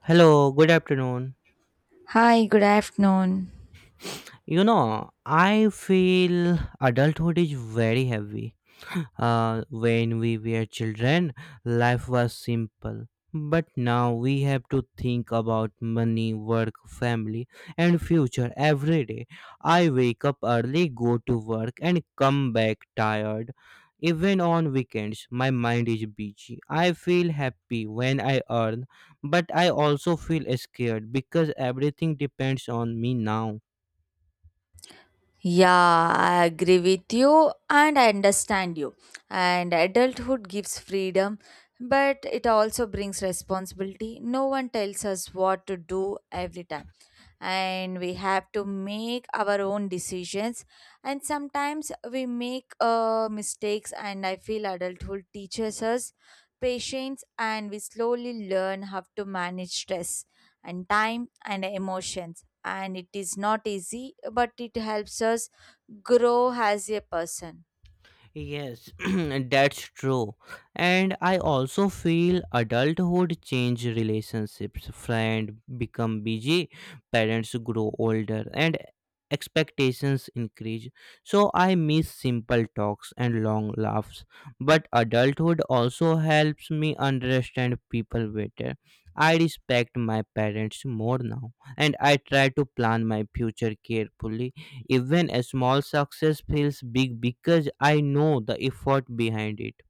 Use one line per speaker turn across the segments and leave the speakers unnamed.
Hello, good afternoon.
Hi, good afternoon.
You know, I feel adulthood is very heavy. When we were children, life was simple. But now we have to think about money, work, family, and future every day. I wake up early, go to work, and come back tired. Even on weekends, my mind is busy. I feel happy when I earn, but I also feel scared because everything depends on me now.
Yeah, I agree with you and I understand you. And adulthood gives freedom, but it also brings responsibility. No one tells us what to do every time, and we have to make our own decisions, and sometimes we make mistakes. And I feel adulthood teaches us patience, and we slowly learn how to manage stress and time and emotions. And it is not easy, but it helps us grow as a person.
Yes, that's true. And I also feel adulthood change relationships. Friends become busy, parents grow older, and expectations increase. So I miss simple talks and long laughs. But adulthood also helps me understand people better. I respect my parents more now, and I try to plan my future carefully, even a small success feels big because I know the effort behind it.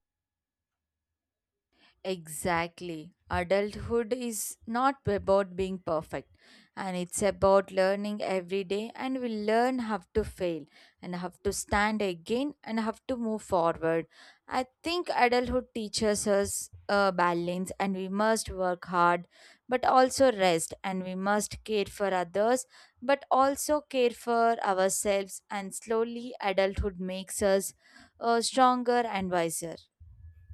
Exactly. Adulthood is not about being perfect, and it's about learning every day, and we learn how to fail and have to stand again and have to move forward. I think adulthood teaches us balance, and we must work hard but also rest, and we must care for others but also care for ourselves, and slowly adulthood makes us stronger and wiser.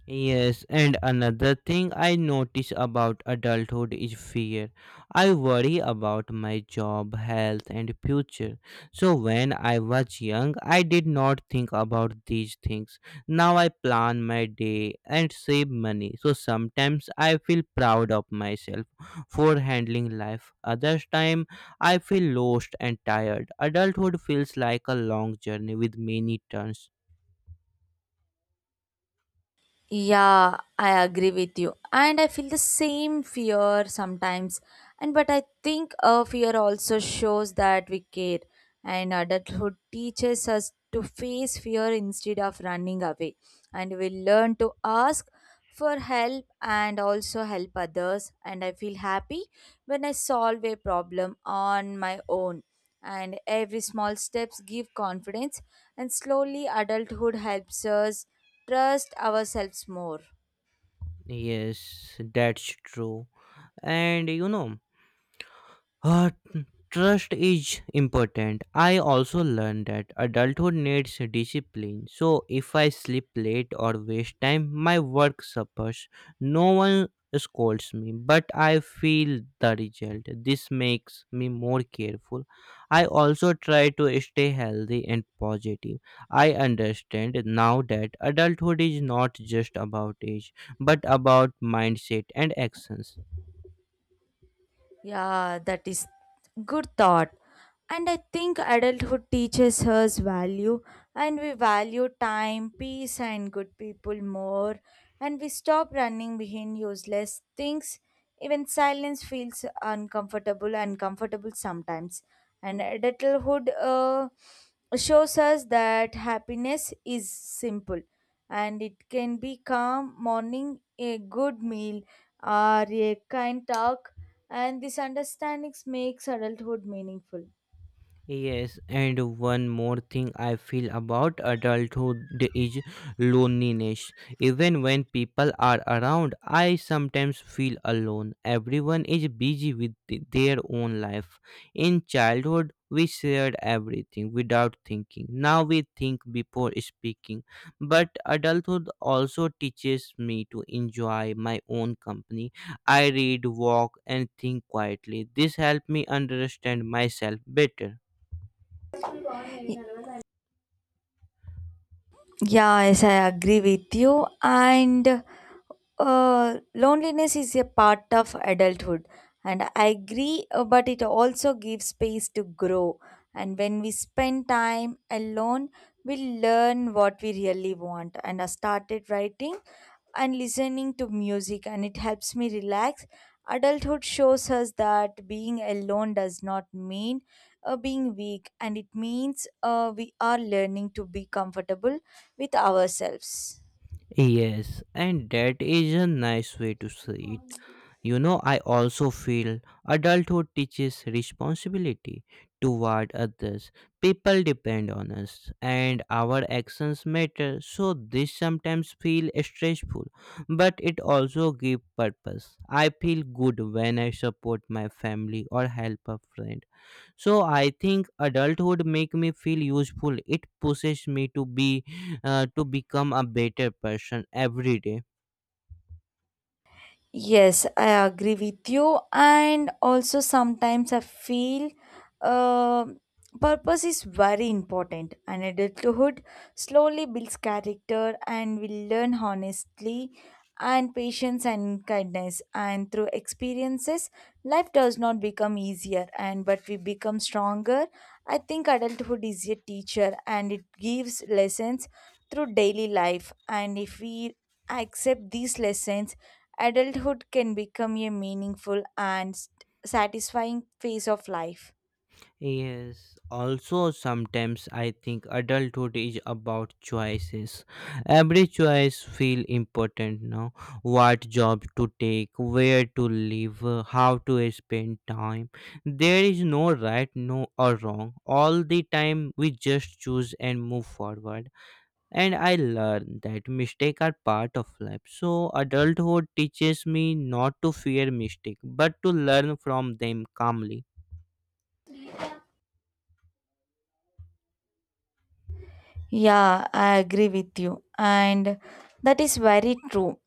Yes, and another thing I notice about adulthood is fear. I worry about my job, health, and future. So, when I was young, I did not think about these things. Now, I plan my day and save money. So, sometimes I feel proud of myself for handling life. Others time, I feel lost and tired. Adulthood feels like a long journey with many turns.
Yeah, I agree with you. And I feel the same fear sometimes. And but I think fear also shows that we care. And adulthood teaches us to face fear instead of running away. And we learn to ask for help and also help others. And I feel happy when I solve a problem on my own. And every small steps give confidence. And slowly adulthood helps us trust ourselves more.
Yes, that's true. And you know uh, Trust is important. I also learned that adulthood needs discipline. So if I sleep late or waste time, my work suffers. No one scolds me, but I feel the result. This makes me more careful. I also try to stay healthy and positive. I understand now that adulthood is not just about age, but about mindset and actions.
Yeah, that is good thought. And I think adulthood teaches us value, and we value time, peace, and good people more. And we stop running behind useless things. Even silence feels uncomfortable sometimes. And adulthood shows us that happiness is simple, and it can be calm morning, a good meal, or a kind talk, and these understandings makes adulthood meaningful.
Yes, and one more thing I feel about adulthood is loneliness. Even when people are around, I sometimes feel alone. Everyone is busy with their own life. In childhood, we shared everything without thinking. Now we think before speaking. But adulthood also teaches me to enjoy my own company. I read, walk, and think quietly. This helped me understand myself better.
Yeah, yes, I agree with you. And loneliness is a part of adulthood, and I agree, but it also gives space to grow. And when we spend time alone, we learn what we really want. And I started writing and listening to music, and it helps me relax. Adulthood shows us that being alone does not mean being weak, and it means we are learning to be comfortable with ourselves.
Yes, and that is a nice way to say it. You know, I also feel adulthood teaches responsibility toward others. People depend on us, and our actions matter. So this sometimes feel stressful, but it also give purpose. I feel good when I support my family or help a friend, so I think adulthood make me feel useful. It pushes me to be to become a better person every day.
Yes, I agree with you. And also, sometimes I feel um purpose is very important. And adulthood slowly builds character, and we learn honestly and patience and kindness. And through experiences, life does not become easier, and but we become stronger. I think adulthood is a teacher, and it gives lessons through daily life. And if we accept these lessons, adulthood can become a meaningful and satisfying phase of life.
Yes, also sometimes I think adulthood is about choices. Every choice feel important now. What job to take, where to live, how to spend time. There is no right, no or wrong. All the time we just choose and move forward, and I learned that mistakes are part of life. So adulthood teaches me not to fear mistakes, but to learn from them calmly.
Yeah, I agree with you. And that is very true.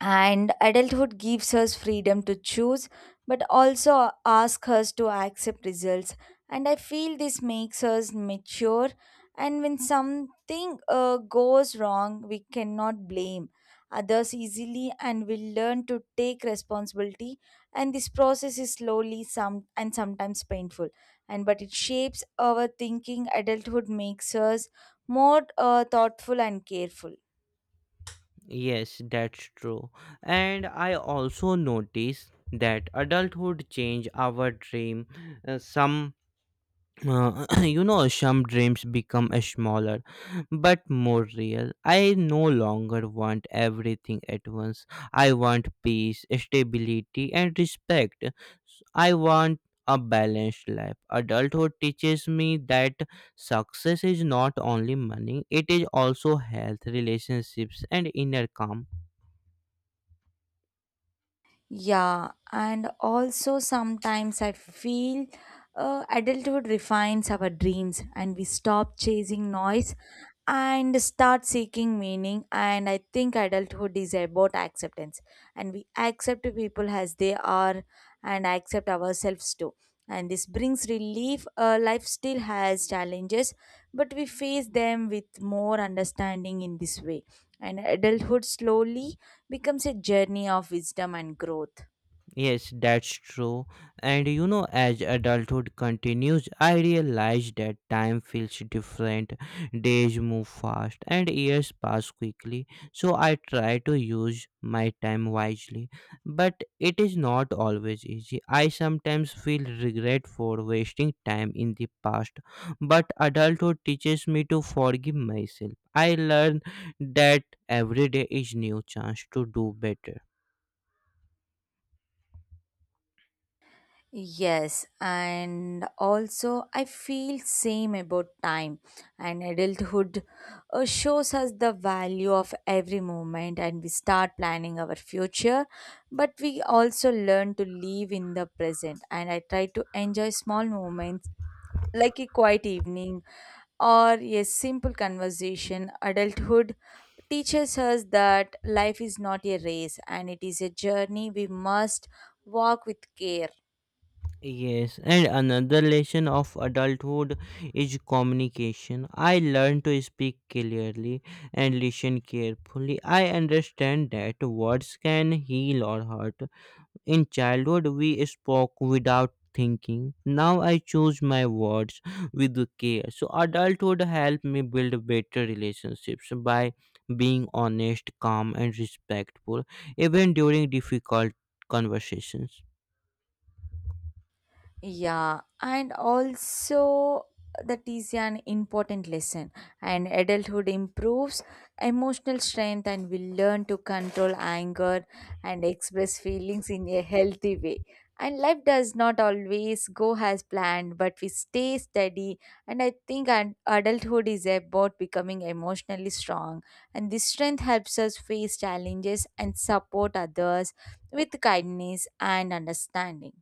And adulthood gives us freedom to choose, but also asks us to accept results. And I feel this makes us mature. And when something goes wrong, we cannot blame others easily, and we learn to take responsibility, and this process is slowly some and sometimes painful, and but it shapes our thinking. Adulthood makes us more thoughtful and careful.
Yes, that's true. And I also notice that adulthood change our dream. Some some dreams become a smaller but more real. I no longer want everything at once. I want peace, stability, and respect. I want a balanced life. Adulthood teaches me that success is not only money, it is also health, relationships, and inner calm.
Yeah, and also sometimes I feel adulthood refines our dreams, and we stop chasing noise and start seeking meaning. And I think adulthood is about acceptance, and we accept people as they are and accept ourselves too, and this brings relief. Life still has challenges, but we face them with more understanding in this way. And adulthood slowly becomes a journey of wisdom and growth.
Yes, that's true. And you know, as adulthood continues, I realize that time feels different. Days move fast and years pass quickly. So I try to use my time wisely. But it is not always easy. I sometimes feel regret for wasting time in the past. But adulthood teaches me to forgive myself. I learn that every day is new chance to do better.
Yes, and also I feel same about time. And adulthood shows us the value of every moment, and we start planning our future, but we also learn to live in the present. And I try to enjoy small moments like a quiet evening or a simple conversation. Adulthood teaches us that life is not a race, and it is a journey we must walk with care.
Yes, and another lesson of adulthood is communication. I learned to speak clearly and listen carefully. I understand that words can heal or hurt. In childhood, we spoke without thinking. Now I choose my words with care. So, adulthood helped me build better relationships by being honest, calm, and respectful, even during difficult conversations.
Yeah, and also that is an important lesson. And adulthood improves emotional strength, and we learn to control anger and express feelings in a healthy way. And life does not always go as planned, but we stay steady. And I think an adulthood is about becoming emotionally strong, and this strength helps us face challenges and support others with kindness and understanding.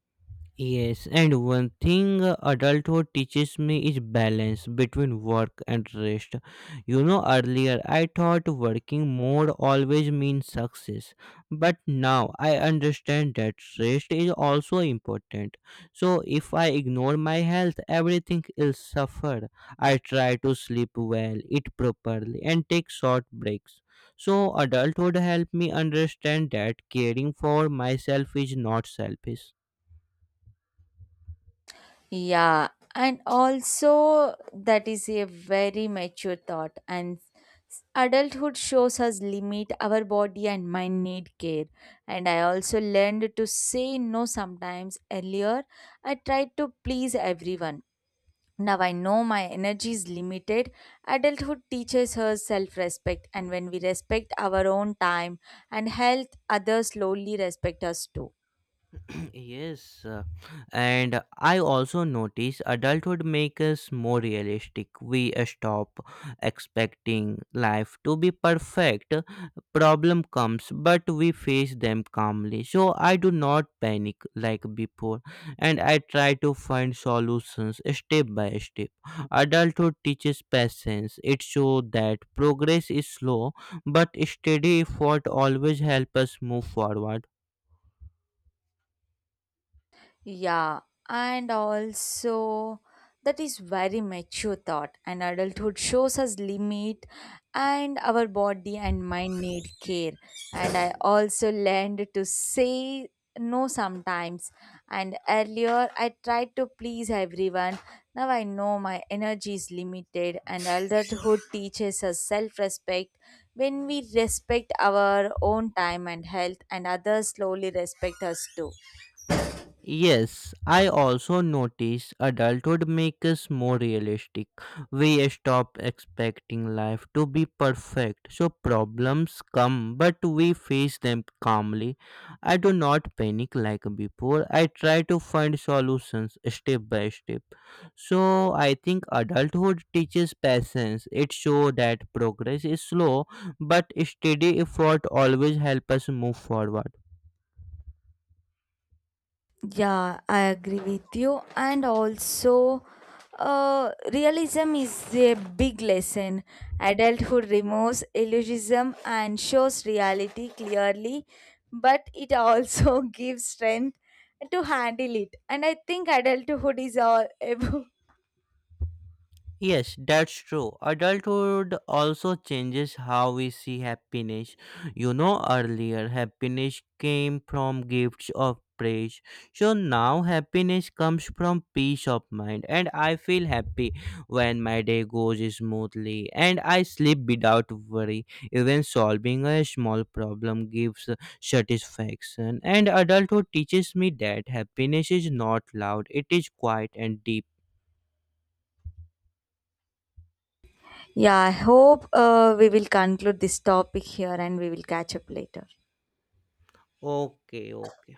Yes, and one thing adulthood teaches me is balance between work and rest. You know, earlier I thought working more always means success, but now I understand that rest is also important. So, if I ignore my health, everything will suffer. I try to sleep well, eat properly, and take short breaks. So, adulthood helped me understand that caring for myself is not selfish.
Yeah, and also that is a very mature thought. And adulthood shows us limit our body and mind need care. And I also learned to say no sometimes. Earlier, I tried to please everyone. Now I know my energy is limited. Adulthood teaches us self respect, and when we respect our own time and health, others slowly respect us too.
Yes, and I also notice adulthood makes us more realistic. We stop expecting life to be perfect. Problem comes, but we face them calmly. So I do not panic like before, and I try to find solutions step by step. Adulthood teaches patience. It shows that progress is slow, but steady effort always helps us move forward.
Yeah, and also that is very mature thought. And adulthood shows us limit and our body and mind need care. And I also learned to say no sometimes. And earlier I tried to please everyone. Now I know my energy is limited, and adulthood teaches us self-respect. When we respect our own time and health, and others slowly respect us too.
Yes, I also notice adulthood makes us more realistic. We stop expecting life to be perfect, so problems come, but we face them calmly. I do not panic like before. I try to find solutions step by step. So I think adulthood teaches patience. It shows that progress is slow, but steady effort always helps us move forward.
Yeah, I agree with you. And also, realism is a big lesson. Adulthood removes illusionism and shows reality clearly, but it also gives strength to handle it. And I think adulthood is all about.
Yes, that's true. Adulthood also changes how we see happiness. You know, earlier happiness came from gifts of praise. So now happiness comes from peace of mind, and I feel happy when my day goes smoothly and I sleep without worry. Even solving a small problem gives satisfaction, and adulthood teaches me that happiness is not loud, it is quiet and deep.
Yeah, I hope we will conclude this topic here, and we will catch up later.
Okay, okay.